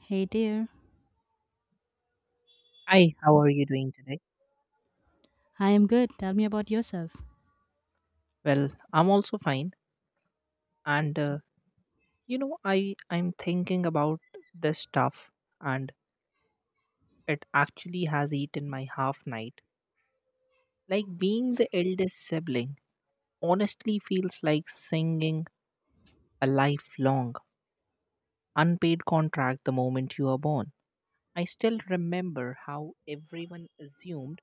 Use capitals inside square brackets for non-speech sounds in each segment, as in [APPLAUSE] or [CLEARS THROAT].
Hey dear, Hi, how are you doing today? I am good. Tell me about yourself. Well, I'm also fine. And I'm thinking about this stuff, and it actually has eaten my half night. Like being the eldest sibling, honestly, feels like singing a lifelong unpaid contract the moment you are born. I still remember how everyone assumed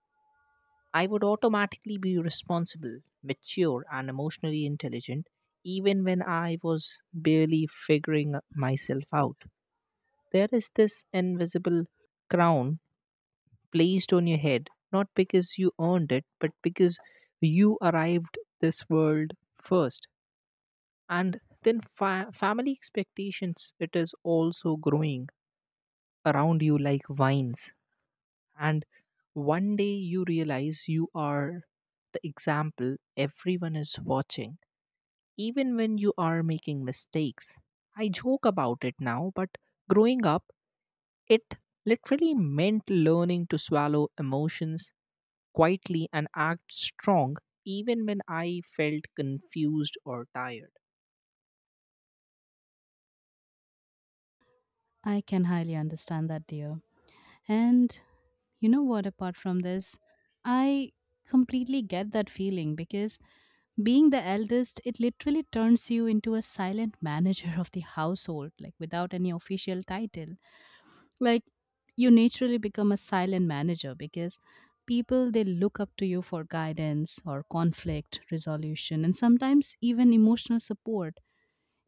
I would automatically be responsible, mature, and emotionally intelligent, even when I was barely figuring myself out. There is this invisible crown placed on your head, not because you earned it, but because you arrived this world first. And then family expectations, it is also growing around you like vines, and one day you realize you are the example everyone is watching, even when you are making mistakes. I joke about it now, but growing up, it literally meant learning to swallow emotions quietly and act strong, even when I felt confused or tired. I can highly understand that, dear. And you know what, apart from this, I completely get that feeling because being the eldest, it literally turns you into a silent manager [LAUGHS] of the household, like without any official title. Like you naturally become a silent manager because people they look up to you for guidance or conflict resolution and sometimes even emotional support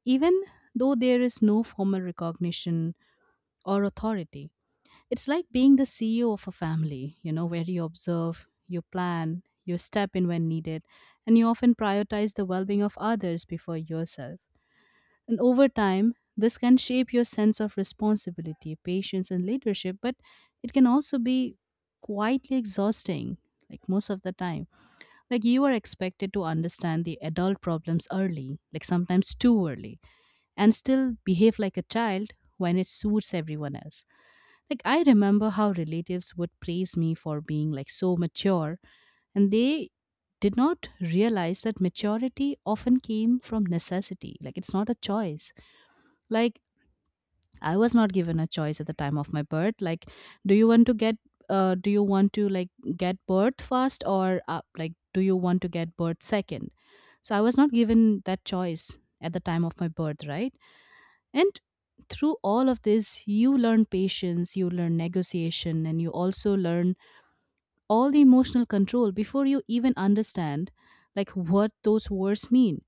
even though there is no formal recognition or authority. It's like being the CEO of a family, you know, where you observe, you plan, you step in when needed, and you often prioritize the well being of others before yourself. And over time, this can shape your sense of responsibility, patience, and leadership, but it can also be quietly exhausting, like most of the time. Like you are expected to understand the adult problems early, like sometimes too early and still behave like a child when it suits everyone else. Like, I remember how relatives would praise me for being like so mature, and they did not realize that maturity often came from necessity. Like, it's not a choice. Like, I was not given a choice at the time of my birth. Like, do you want to get do you want to like get birth first or like do you want to get birth second, so I was not given that choice at the time of my birth, right? And through all of this, you learn patience, you learn negotiation, and you also learn all the emotional control before you even understand like what those words mean.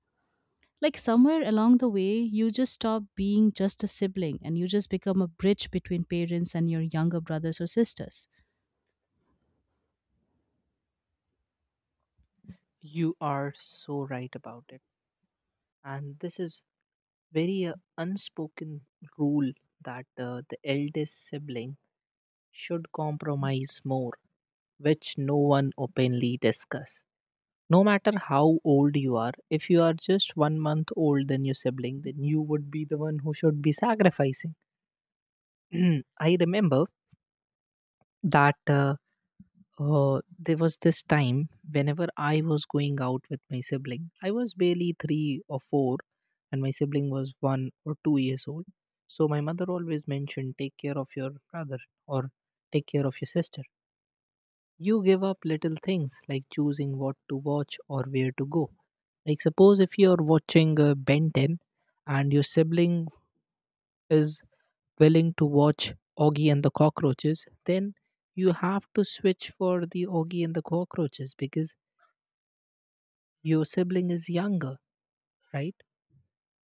Like somewhere along the way, you just stop being just a sibling and you just become a bridge between parents and your younger brothers or sisters. You are so right about it, and this is very unspoken rule that the eldest sibling should compromise more, which no one openly discuss. No matter how old you are, if you are just 1 month old than your sibling, then you would be the one who should be sacrificing. [CLEARS THROAT] I remember that there was this time whenever I was going out with my sibling, I was barely three or four, and my sibling was 1 or 2 years old. So my mother always mentioned, take care of your brother or take care of your sister. You give up little things like choosing what to watch or where to go. Like, suppose if you're watching Ben 10 and your sibling is willing to watch Augie and the Cockroaches, then you have to switch for the Augie and the Cockroaches because your sibling is younger, right?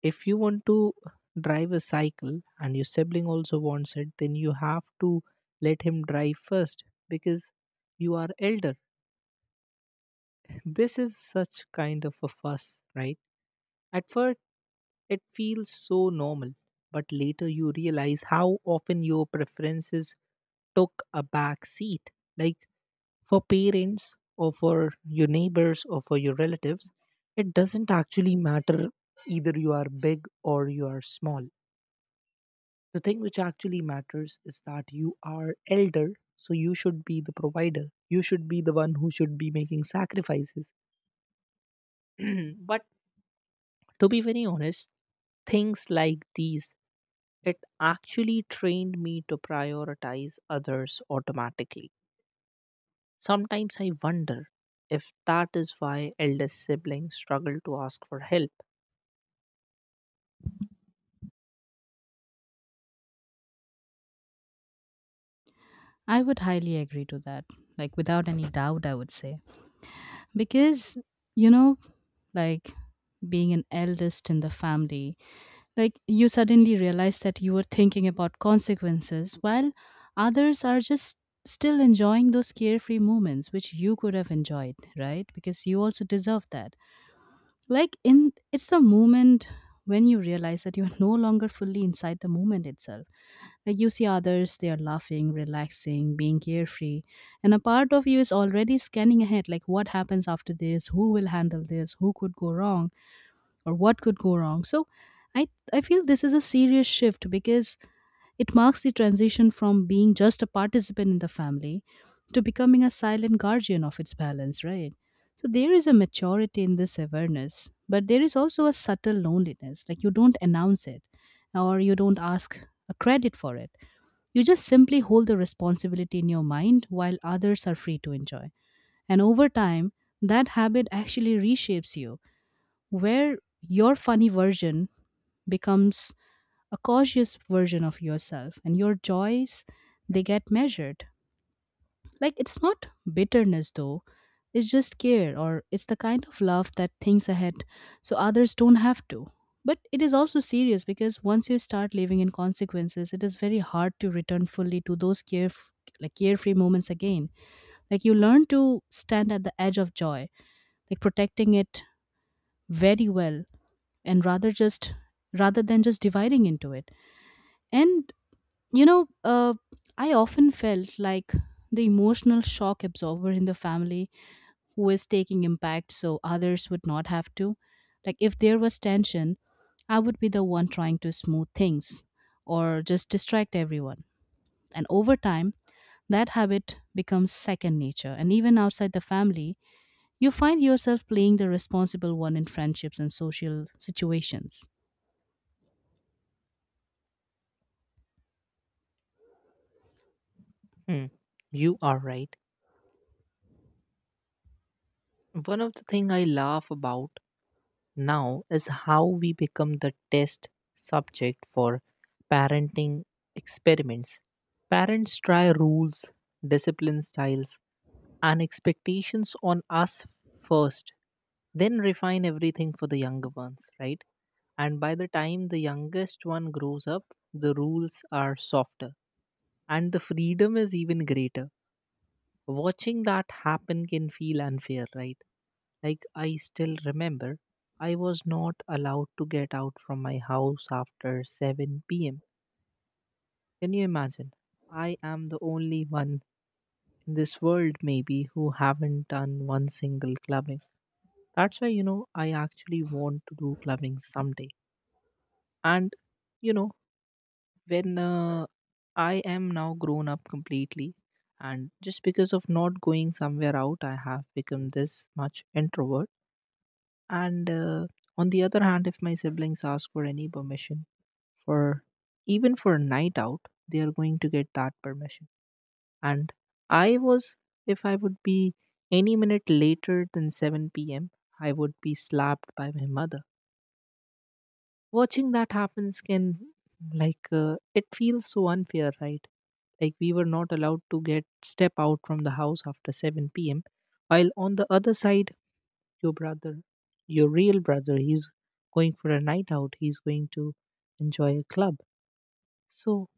If you want to drive a cycle and your sibling also wants it, then you have to let him drive first because you are elder. This is such kind of a fuss, right? At first, it feels so normal, but later you realize how often your preferences took a back seat. Like, for parents or for your neighbors or for your relatives, it doesn't actually matter either you are big or you are small. The thing which actually matters is that you are elder, so you should be the provider. You should be the one who should be making sacrifices. [CLEARS THROAT] But to be very honest, things like these, it actually trained me to prioritize others automatically. Sometimes I wonder if that is why eldest siblings struggle to ask for help. I would highly agree to that. Like without any doubt, I would say. Because, you know, like being an eldest in the family, like you suddenly realize that you were thinking about consequences while others are just still enjoying those carefree moments which you could have enjoyed, right? Because you also deserve that. Like in it's the moment when you realize that you're [LAUGHS] no longer fully inside the moment itself. Like you see others, they are laughing, relaxing, being carefree. And a part of you is already scanning ahead, like what happens after this, who will handle this, who could go wrong or what could go wrong. So i I feel this is a serious shift because it marks the transition from being just a participant in the family to becoming a silent guardian of its balance, right? So there is a maturity in this awareness, but there is also a subtle loneliness. Like you don't announce it or you don't ask a credit for it. You just simply hold the responsibility in your mind while others are free to enjoy. And over time that habit actually reshapes you, where your funny version becomes a cautious version of yourself and your joys they get measured. Like it's not bitterness though, it's just care, or it's the kind of love that thinks ahead so others don't have to. But it is also serious because once you start living in consequences, it is very hard to return fully to those care, like carefree moments again. Like you learn to stand at the edge of joy, like protecting it very well, and rather than just dividing into it. And you know uh, I often felt like the emotional shock absorber in the family who is taking impact so others would not have to. Like if there was tension, I would be the one trying to smooth things or just distract everyone. And over time that habit becomes second nature, and even outside the family you find yourself playing the responsible one in friendships and social situations. Hmm, you are right. One of the things I laugh about now is how we become the test subject for parenting experiments. Parents try rules, discipline styles, and expectations on us first, then refine everything for the younger ones, right? And by the time the youngest one grows up, the rules are softer and the freedom is even greater. Watching that happen can feel unfair, right? Like, I still remember I was not allowed to get out from my house after 7 pm. Can you imagine? I am the only one in this world, maybe, who haven't done one single clubbing. That's why, I actually want to do clubbing someday, and you know when I am now grown up completely, and just because of not going somewhere out, I have become this much introvert. And on the other hand, if my siblings ask for any permission for even for a night out, they are going to get that permission. And I was if I would be any minute later than 7 p.m., I would be slapped by my mother. Watching that happens can, like, it feels so unfair, right? Like, we were not allowed to get step out from the house after 7 p.m. While on the other side, your brother, your real brother, he's going for a night out. He's going to enjoy a club. So,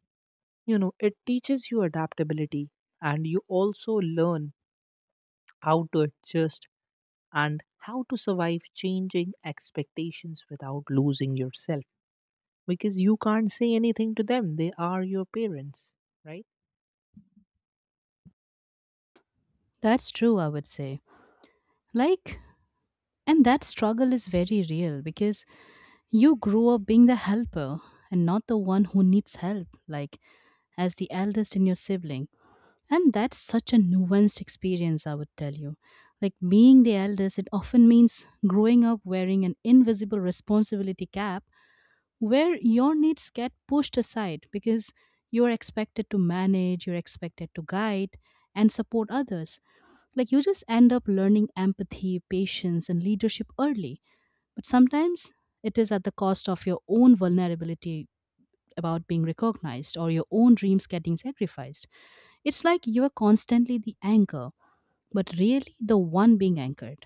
it teaches you adaptability, and you also learn how to adjust and how to survive changing expectations without losing yourself. Because you can't say anything to them. They are your parents, right? That's true, I would say. Like, and that struggle is very real because you grew up being the helper and not the one who needs help, like, as the eldest in your sibling. And that's such a nuanced experience, I would tell you. Like, being the eldest, it often means growing up wearing an invisible responsibility cap where your needs get pushed aside because you're expected to manage, you're expected to guide and support others. Like you just end up learning empathy, patience, and leadership early. But sometimes it is at the cost of your own vulnerability about being recognized or your own dreams getting sacrificed. It's like you are constantly the anchor, but really the one being anchored.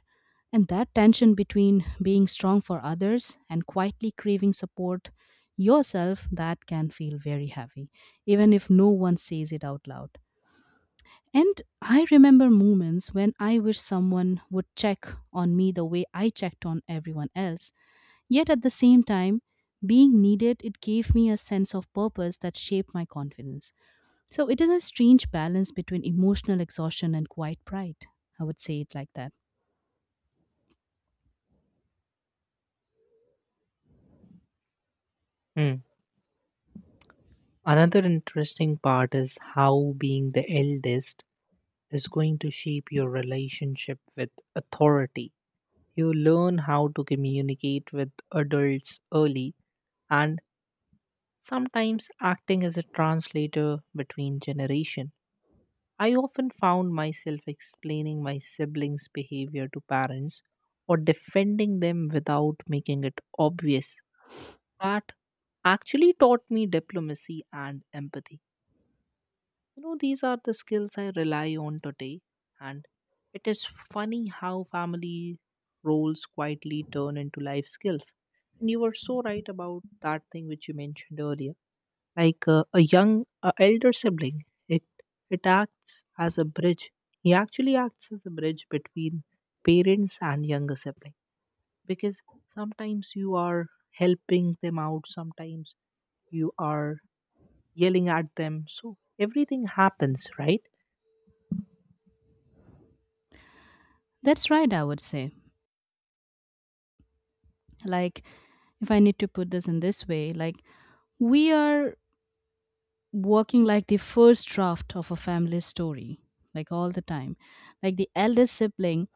And that tension between being strong for others and quietly craving support yourself, that can feel very heavy, even if no one says it out loud. And I remember moments when I wish someone would check on me the way I checked on everyone else. Yet at the same time, being needed, it gave me a sense of purpose that shaped my confidence. So it is a strange balance between emotional exhaustion and quiet pride. I would say it like that. Hmm. Another interesting part is how being the eldest is going to shape your relationship with authority. You learn how to communicate with adults early, and sometimes acting as a translator between generation. I often found myself explaining my siblings' behavior to parents or defending them without making it obvious that actually taught me diplomacy and empathy. These are the skills I rely on today, and it is funny how family roles quietly turn into life skills. And you were so right about that thing which you mentioned earlier, like a young elder sibling. It acts as a bridge. He actually acts as a bridge between parents and younger siblings, because sometimes you are helping them out, sometimes you are yelling at them, so everything happens, right? That's right, I would say. Like, if I need to put this in this way, like, we are working like the first draft of a family story, like all the time. Like the eldest sibling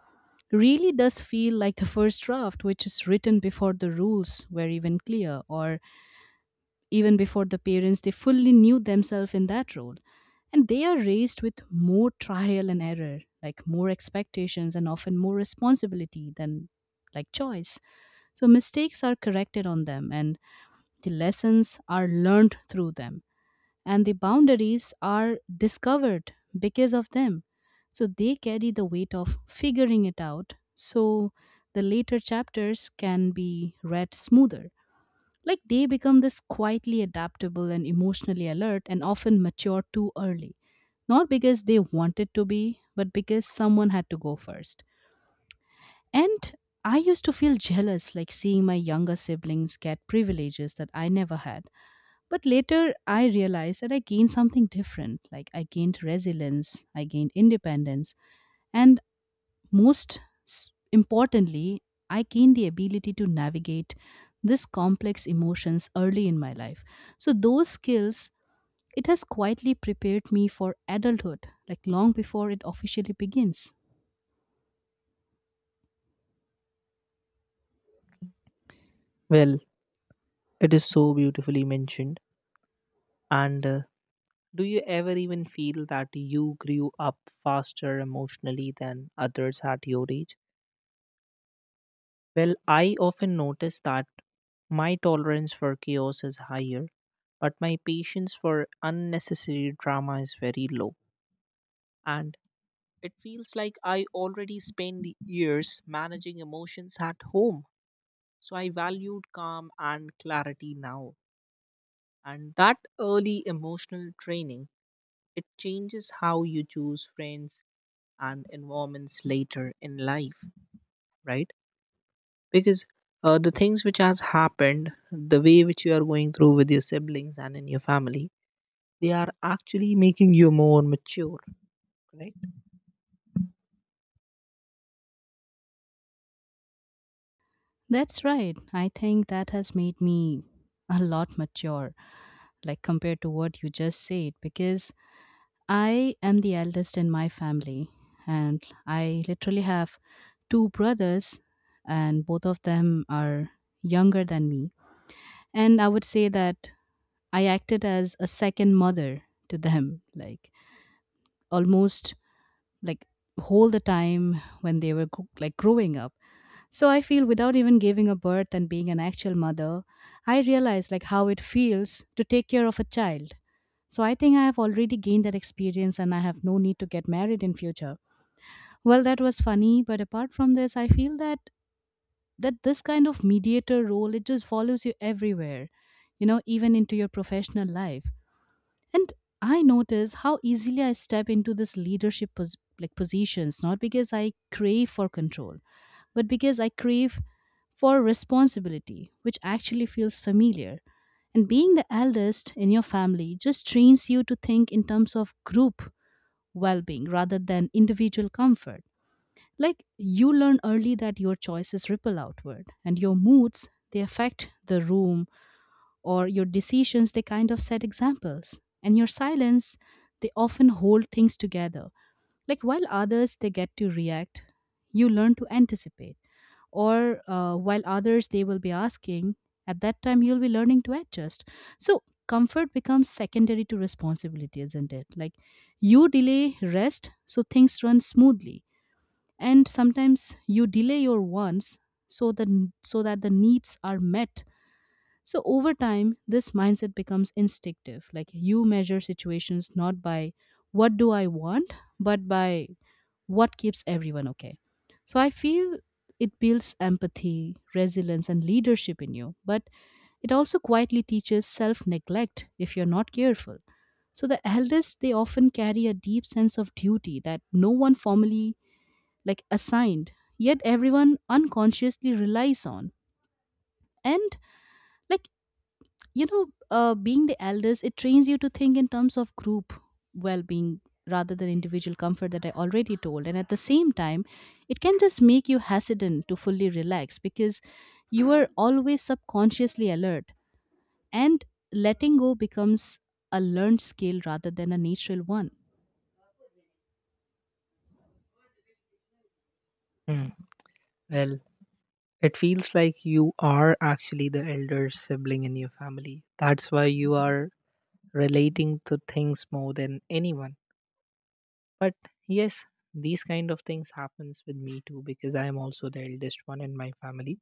really does feel like the first draft, which is written before the rules were even clear, or even before the parents they fully knew themselves in that role. And they are raised with more trial and error, like more expectations and often more responsibility than like choice. So mistakes are corrected on them and the lessons are learned through them and the boundaries are discovered because of them. So they carry the weight of figuring it out. So the later chapters can be read smoother. Like they become this quietly adaptable and emotionally alert and often mature too early. Not because they wanted to be, but because someone had to go first. And I used to feel jealous, like seeing my younger siblings get privileges that I never had, but later, I realized that I gained something different. Like, I gained resilience, I gained independence, and most importantly, I gained the ability to navigate this complex emotions early in my life. So, those skills, it has quietly prepared me for adulthood, like long before it officially begins. Well, it is so beautifully mentioned. And do you ever even feel that you grew up faster emotionally than others at your age? Well, I often notice that my tolerance for chaos is higher, but my patience for unnecessary drama is very low. And it feels like I already spend years managing emotions at home. So I valued calm and clarity now. And that early emotional training, it changes how you choose friends and environments later in life, right? Because the things which has happened, the way which you are going through with your siblings and in your family, they are actually making you more mature, right? That's right. I think that has made me a lot mature, like compared to what you just said, because I am the eldest in my family, and I literally have two brothers, and both of them are younger than me. And I would say that I acted as a second mother to them, like almost like whole the time when they were like growing up. So I feel without even giving a birth and being an actual mother, I realize like how it feels to take care of a child. So I think I have already gained that experience and I have no need to get married in future. Well, that was funny, but apart from this, I feel that this kind of mediator role it just follows you everywhere, you know, even into your professional life. And I notice how easily I step into this leadership like positions, not because I crave for control, but because I crave for responsibility, which actually feels familiar. And being the eldest in your family just trains you to think in terms of group well being rather than individual comfort. Like you learn early that your choices ripple outward and your moods they affect the room, or your decisions they kind of set examples and your silence they often hold things together. Like while others they get to react, you learn to anticipate, or while others they will be asking, at that time you'll be learning to adjust. So comfort becomes secondary to responsibility, isn't it? Like you delay rest so things run smoothly, and sometimes you delay your wants so that the needs are met. So over time this mindset becomes instinctive, like you measure situations not by what do I want, but by what keeps everyone okay. So I feel it builds empathy, resilience, and leadership in you, but it also quietly teaches self neglect if you're not careful. So the elders, they often carry a deep sense of duty that no one formally like assigned, yet everyone unconsciously relies on. And like being the eldest, it trains you to think in terms of group well being rather than individual comfort that I already told. And at the same time, it can just make you hesitant to fully relax because you are always subconsciously alert. And letting go becomes a learned skill rather than a natural one. Mm. Well, it feels like you are actually the elder sibling in your family. That's why you are relating to things more than anyone. But yes, these kind of things happens with me too because I am also the eldest one in my family.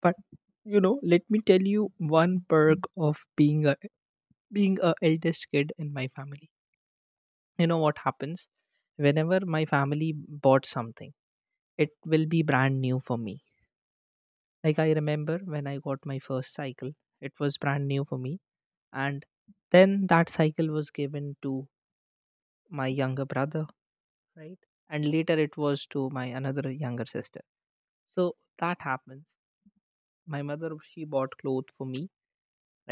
But, let me tell you one perk of being a eldest kid in my family. You know what happens? Whenever my family bought something, it will be brand new for me. Like, I remember when I got my first cycle, it was brand new for me, and then that cycle was given to my younger brother, right? And later it was to my another younger sister. So that happens. My mother, she bought clothes for me,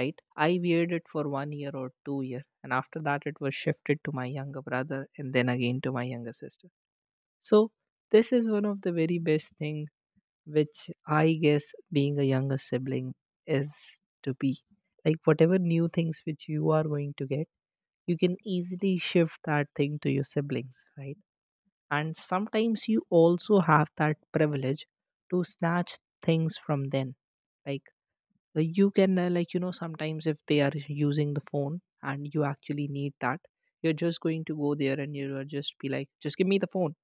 right? I weared it for 1 year or 2 year, and after that it was shifted to my younger brother, and then again to my younger sister. So this is one of the very best thing, which I guess being a younger sibling is to be, like, whatever new things which you are going to get, you can easily shift that thing to your siblings, right? And sometimes you also have that privilege to snatch things from them. Like, you can, like, sometimes if they are using the phone and you actually need that, you're just going to go there and you will just be like, just give me the phone.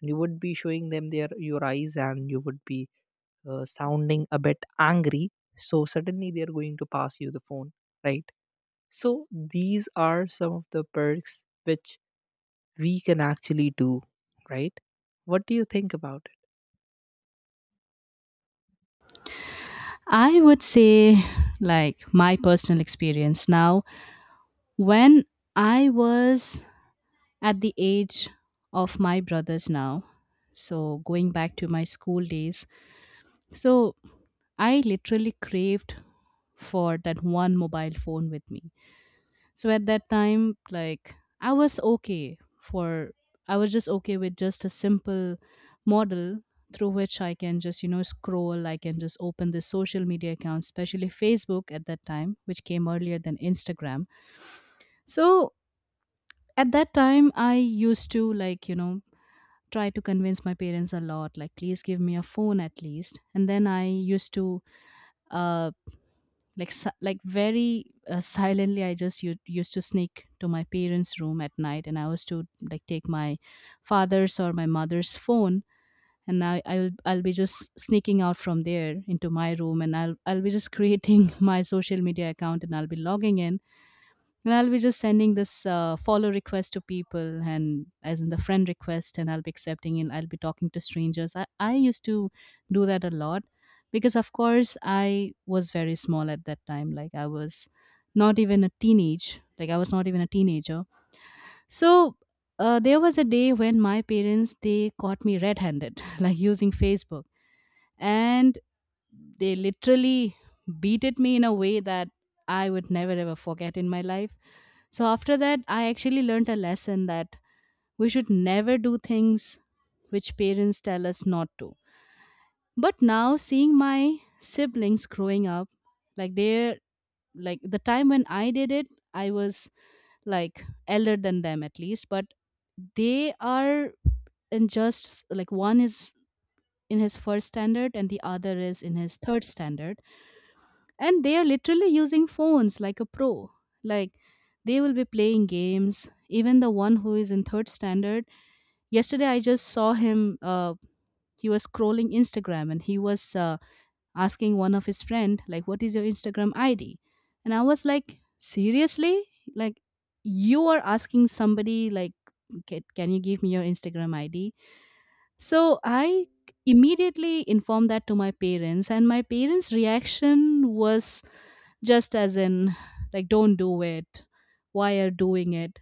And you would be showing them their your eyes, and you would be sounding a bit angry. So suddenly they're going to pass you the phone, right? So these are some of the perks which we can actually do, right? What do you think about I would say, like, my personal experience now, when I was at the age of my brothers now. So, going back to my school days, so I literally craved for that one mobile phone with me. So, at that time, I was okay for, I was just okay with just a simple model through which I can just, you know, scroll. I can just open the social media accounts, especially Facebook at that time, which came earlier than Instagram. So, at that time, I used to, like, you know, try to convince my parents a lot, like, please give me a phone at least. And then I used to, uh like very silently, I just used to sneak to my parents' room at night, and I was to, like, take my father's or my mother's phone. And I'll be just sneaking out from there into my room, and I'll be just creating [LAUGHS] my social media account, and I'll be logging in, and I'll be just sending this follow request to people, and as in the friend request, and I'll be accepting, and I'll be talking to strangers. I used to do that a lot, because of course I was very small at that time. Like, I was not even a teenage. Like, I was not even a teenager. So, there was a day when my parents, they caught me red-handed, [LAUGHS] like, using Facebook. And they literally beat at me in a way that I would never ever forget in my life. So after that, I actually learned a lesson that we should never do things which parents tell us not to. But now, seeing my siblings growing up, like, they're, like, the time when I did it, I was, like, elder than them at least, but they are in, just like, one is in his first standard and the other is in his third standard, and they are literally using phones like a pro. Like, they will be playing games, even the one who is in third standard. Yesterday I just saw him, he was scrolling Instagram, and he was, asking one of his friend, like, what is your Instagram ID. And I was like, seriously, like, you are asking somebody like, "Ca- can you give me your Instagram ID?" So I immediately informed that to my parents, and my parents' reaction was just, as in, like, don't do it, why are doing it.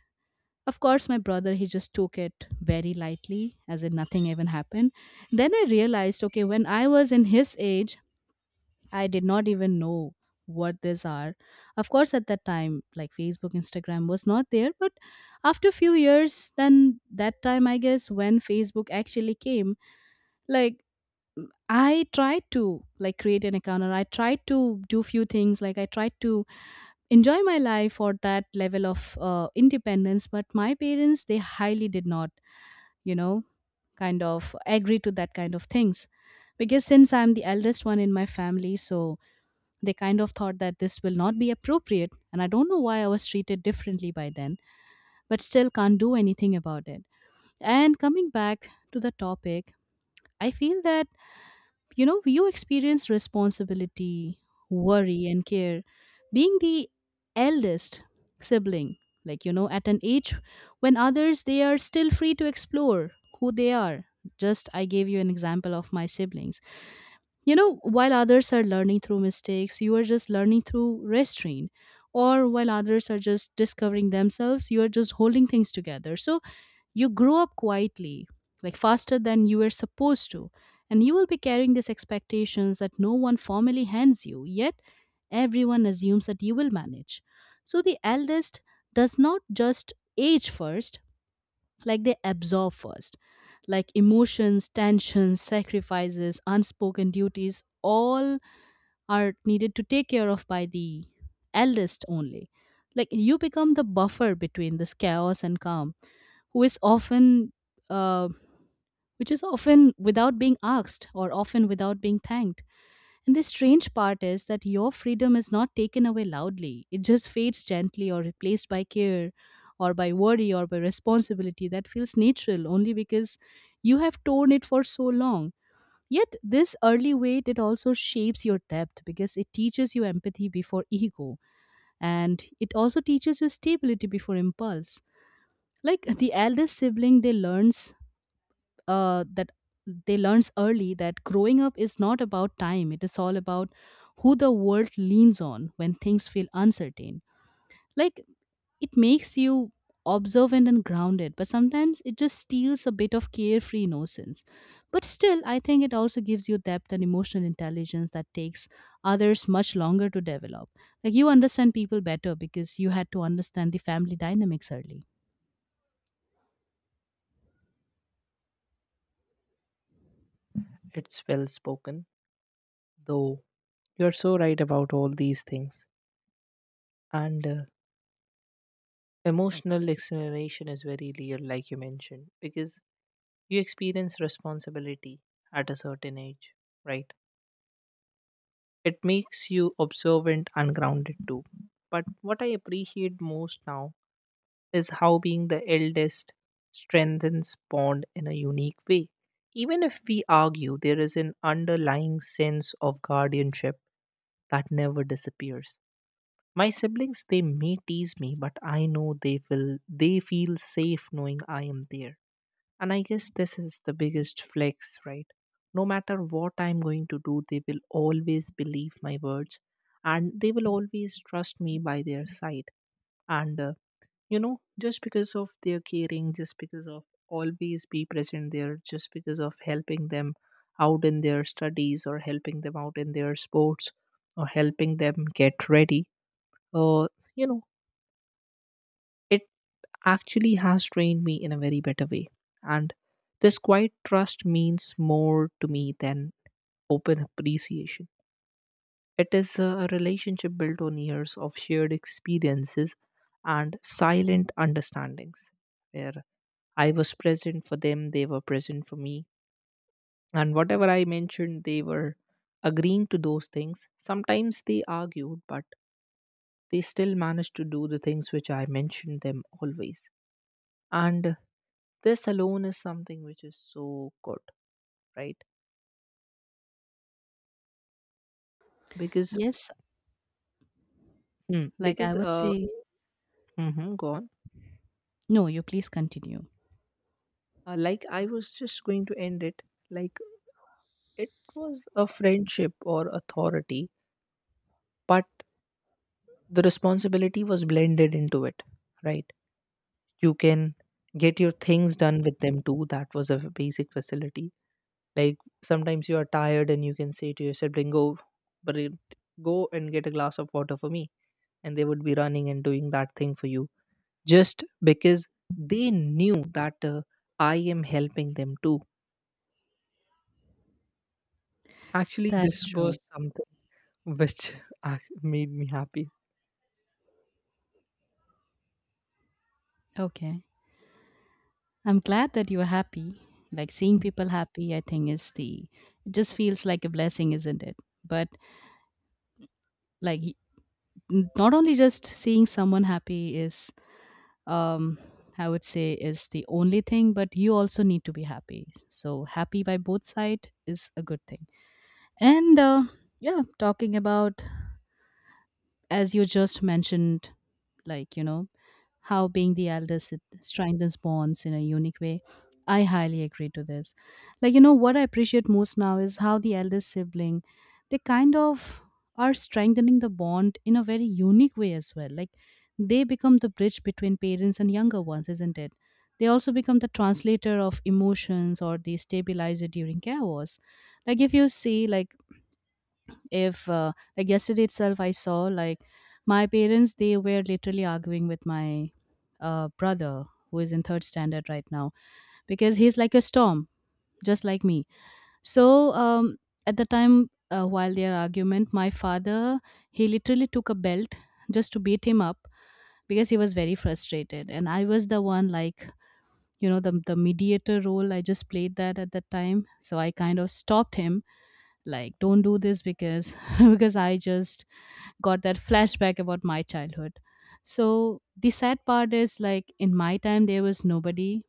Of course my brother, he just took it very lightly, as in nothing even happened. Then I realized, okay, when I was in his age, I did not even know what these are. Of course at that time, like, Facebook, Instagram was not there, but after a few years, then that time, I guess, when Facebook actually came, like, I tried to, like, create an account, or I tried to do few things, like, I tried to enjoy my life or that level of independence. But my parents, they highly did not, you know, kind of agree to that kind of things. Because since I'm the eldest one in my family, so they kind of thought that this will not be appropriate, and I don't know why I was treated differently by then. But still, can't do anything about it. And coming back to the topic, I feel that, you know, you experience responsibility, worry, and care being the eldest sibling. Like, you know, at an age when others, they are still free to explore who they are, just I gave you an example of my siblings. You know, while others are learning through mistakes, you are just learning through restraint. Or while others are just discovering themselves, you are just holding things together. So you grow up quietly, like, faster than you were supposed to, and you will be carrying these expectations that no one formally hands you, yet everyone assumes that you will manage. So the eldest does not just age first, like, they absorb first. Like, emotions, tensions, sacrifices, unspoken duties, all are needed to take care of by the eldest only. Like, you become the buffer between this chaos and calm, who is often uh, which is often without being asked or often without being thanked. And the strange part is that your freedom is not taken away loudly, it just fades gently, or replaced by care, or by worry, or by responsibility that feels natural only because you have torn it for so long. Yet this early weight, it also shapes your depth, because it teaches you empathy before ego, and it also teaches you stability before impulse. Like, the eldest sibling, uh, that they learns early that growing up is not about time, it is all about who the world leans on when things feel uncertain. Like, it makes you observant and grounded, but sometimes it just steals a bit of carefree innocence. But still, I think it also gives you depth and emotional intelligence that takes others much longer to develop. Like, you understand people better because you had to understand the family dynamics early. it? It's well spoken, though you're so right about all these things. And emotional explanation is very real, like you mentioned, because you experience responsibility at a certain age, right? It makes you observant and grounded too. But what I appreciate most now is how being the eldest strengthens bond in a unique way. Even if we argue, there is an underlying sense of guardianship that never disappears. My siblings, they may tease me, but I know they feel safe knowing I am there. And I guess this is the biggest flex, right? No matter what I'm going to do, they will always believe my words, and they will always trust me by their side. And just because of their caring, just because of always be present there, just because of helping them out in their studies or helping them out in their sports or helping them get ready, uh, you know it actually has trained me in a very better way. And this quiet trust means more to me than open appreciation. It is a relationship built on years of shared experiences and silent understandings where I was present for them, they were present for me. And whatever I mentioned, they were agreeing to those things. Sometimes they argued, but they still managed to do the things which I mentioned them always. And this alone is something which is so good, right? Because. Yes, Hmm. like, I Because, would say, mm-hmm. Go on. no, you please continue. Like, I was just going to end it, like it was a friendship or authority, but the responsibility was blended into it, right? You can get your things done with them too. That was a basic facility. Like, sometimes you are tired and you can say to your sibling, go, but it- go and get a glass of water for me, and they would be running and doing that thing for you, just because they knew that I am helping them too. Actually, That's this was true. something which [LAUGHS] made me happy. Okay. I'm glad that you're happy. Like, seeing people happy, I think, is the, it just feels like a blessing, isn't it? But like, not only just seeing someone happy is, um I would say, is the only thing, but you also need to be happy. So happy by both sides is a good thing. And yeah, talking about, as you just mentioned, like, you know, how being the eldest it strengthens bonds in a unique way. I highly agree to this. Like, you know, what I appreciate most now is how the eldest sibling, they kind of are strengthening the bond in a very unique way as well. Like, they become the bridge between parents and younger ones, isn't it? They also become the translator of emotions or the stabilizer during chaos. Like, if you see, like, if like, yesterday itself, I saw, like, my parents, they were literally arguing with my brother who is in third standard right now, because he's like a storm, just like me. So, at the time, while their argument, my father, he literally took a belt just to beat him up, because he was very frustrated. And I was the one, like, you know, the mediator role, I just played that at that time. So I kind of stopped him, like, don't do this. Because [LAUGHS] because I just got that flashback about my childhood. So the sad part is, like, in my time, there was nobody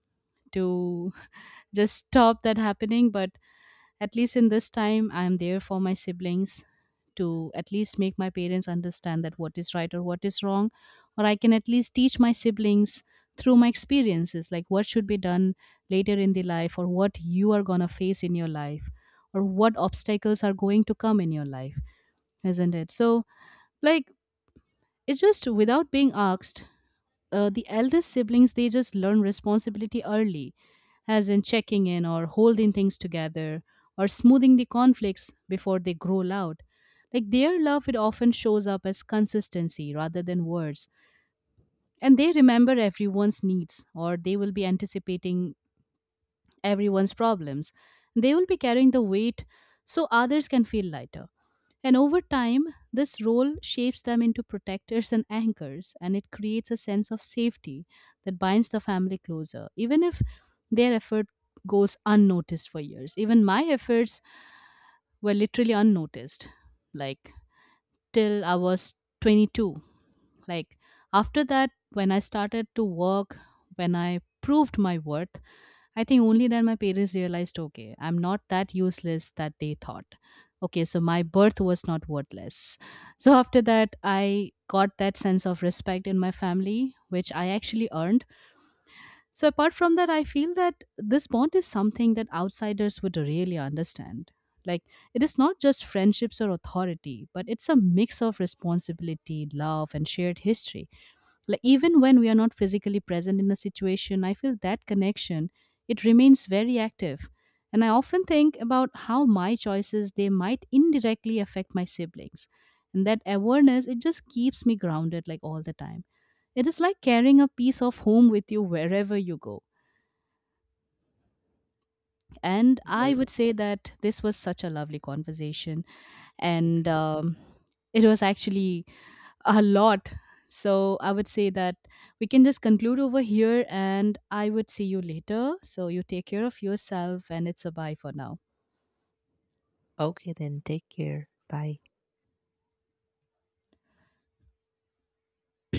to [LAUGHS] just stop that happening, but at least in this time I'm there for my siblings to at least make my parents understand that what is right or what is wrong, or I can at least teach my siblings through my experiences, like, what should be done later in the life, or what you are going to face in your life, or what obstacles are going to come in your life, isn't it? So, like, it's just without being asked, the eldest siblings, they just learn responsibility early, as in checking in, or holding things together, or smoothing the conflicts before they grow loud. Like, their love, it often shows up as consistency rather than words. And they remember everyone's needs, or they will be anticipating everyone's problems. They will be carrying the weight so others can feel lighter. And over time, this role shapes them into protectors and anchors, and it creates a sense of safety that binds the family closer, even if their effort goes unnoticed for years. Even my efforts were literally unnoticed, like, till I was 22. Like, after that, when I started to work, when I proved my worth, I think only then my parents realized, okay, I'm not that useless that they thought. Okay, so my birth was not worthless. So after that, I got that sense of respect in my family, which I actually earned. So apart from that, I feel that this bond is something that outsiders would really understand. Like, it is not just friendships or authority, but it's a mix of responsibility, love, and shared history. Like, even when we are not physically present in a situation, I feel that connection, it remains very active. And I often think about how my choices, they might indirectly affect my siblings, and that awareness, it just keeps me grounded, like, all the time. It is like carrying a piece of home with you wherever you go. And Well, I would say that this was such a lovely conversation, and exactly. It was actually a lot. So I would say that we can just conclude over here, and I would see you later. So you take care of yourself, and it's a bye for now. Okay, then take care. Bye. [CLEARS THROAT]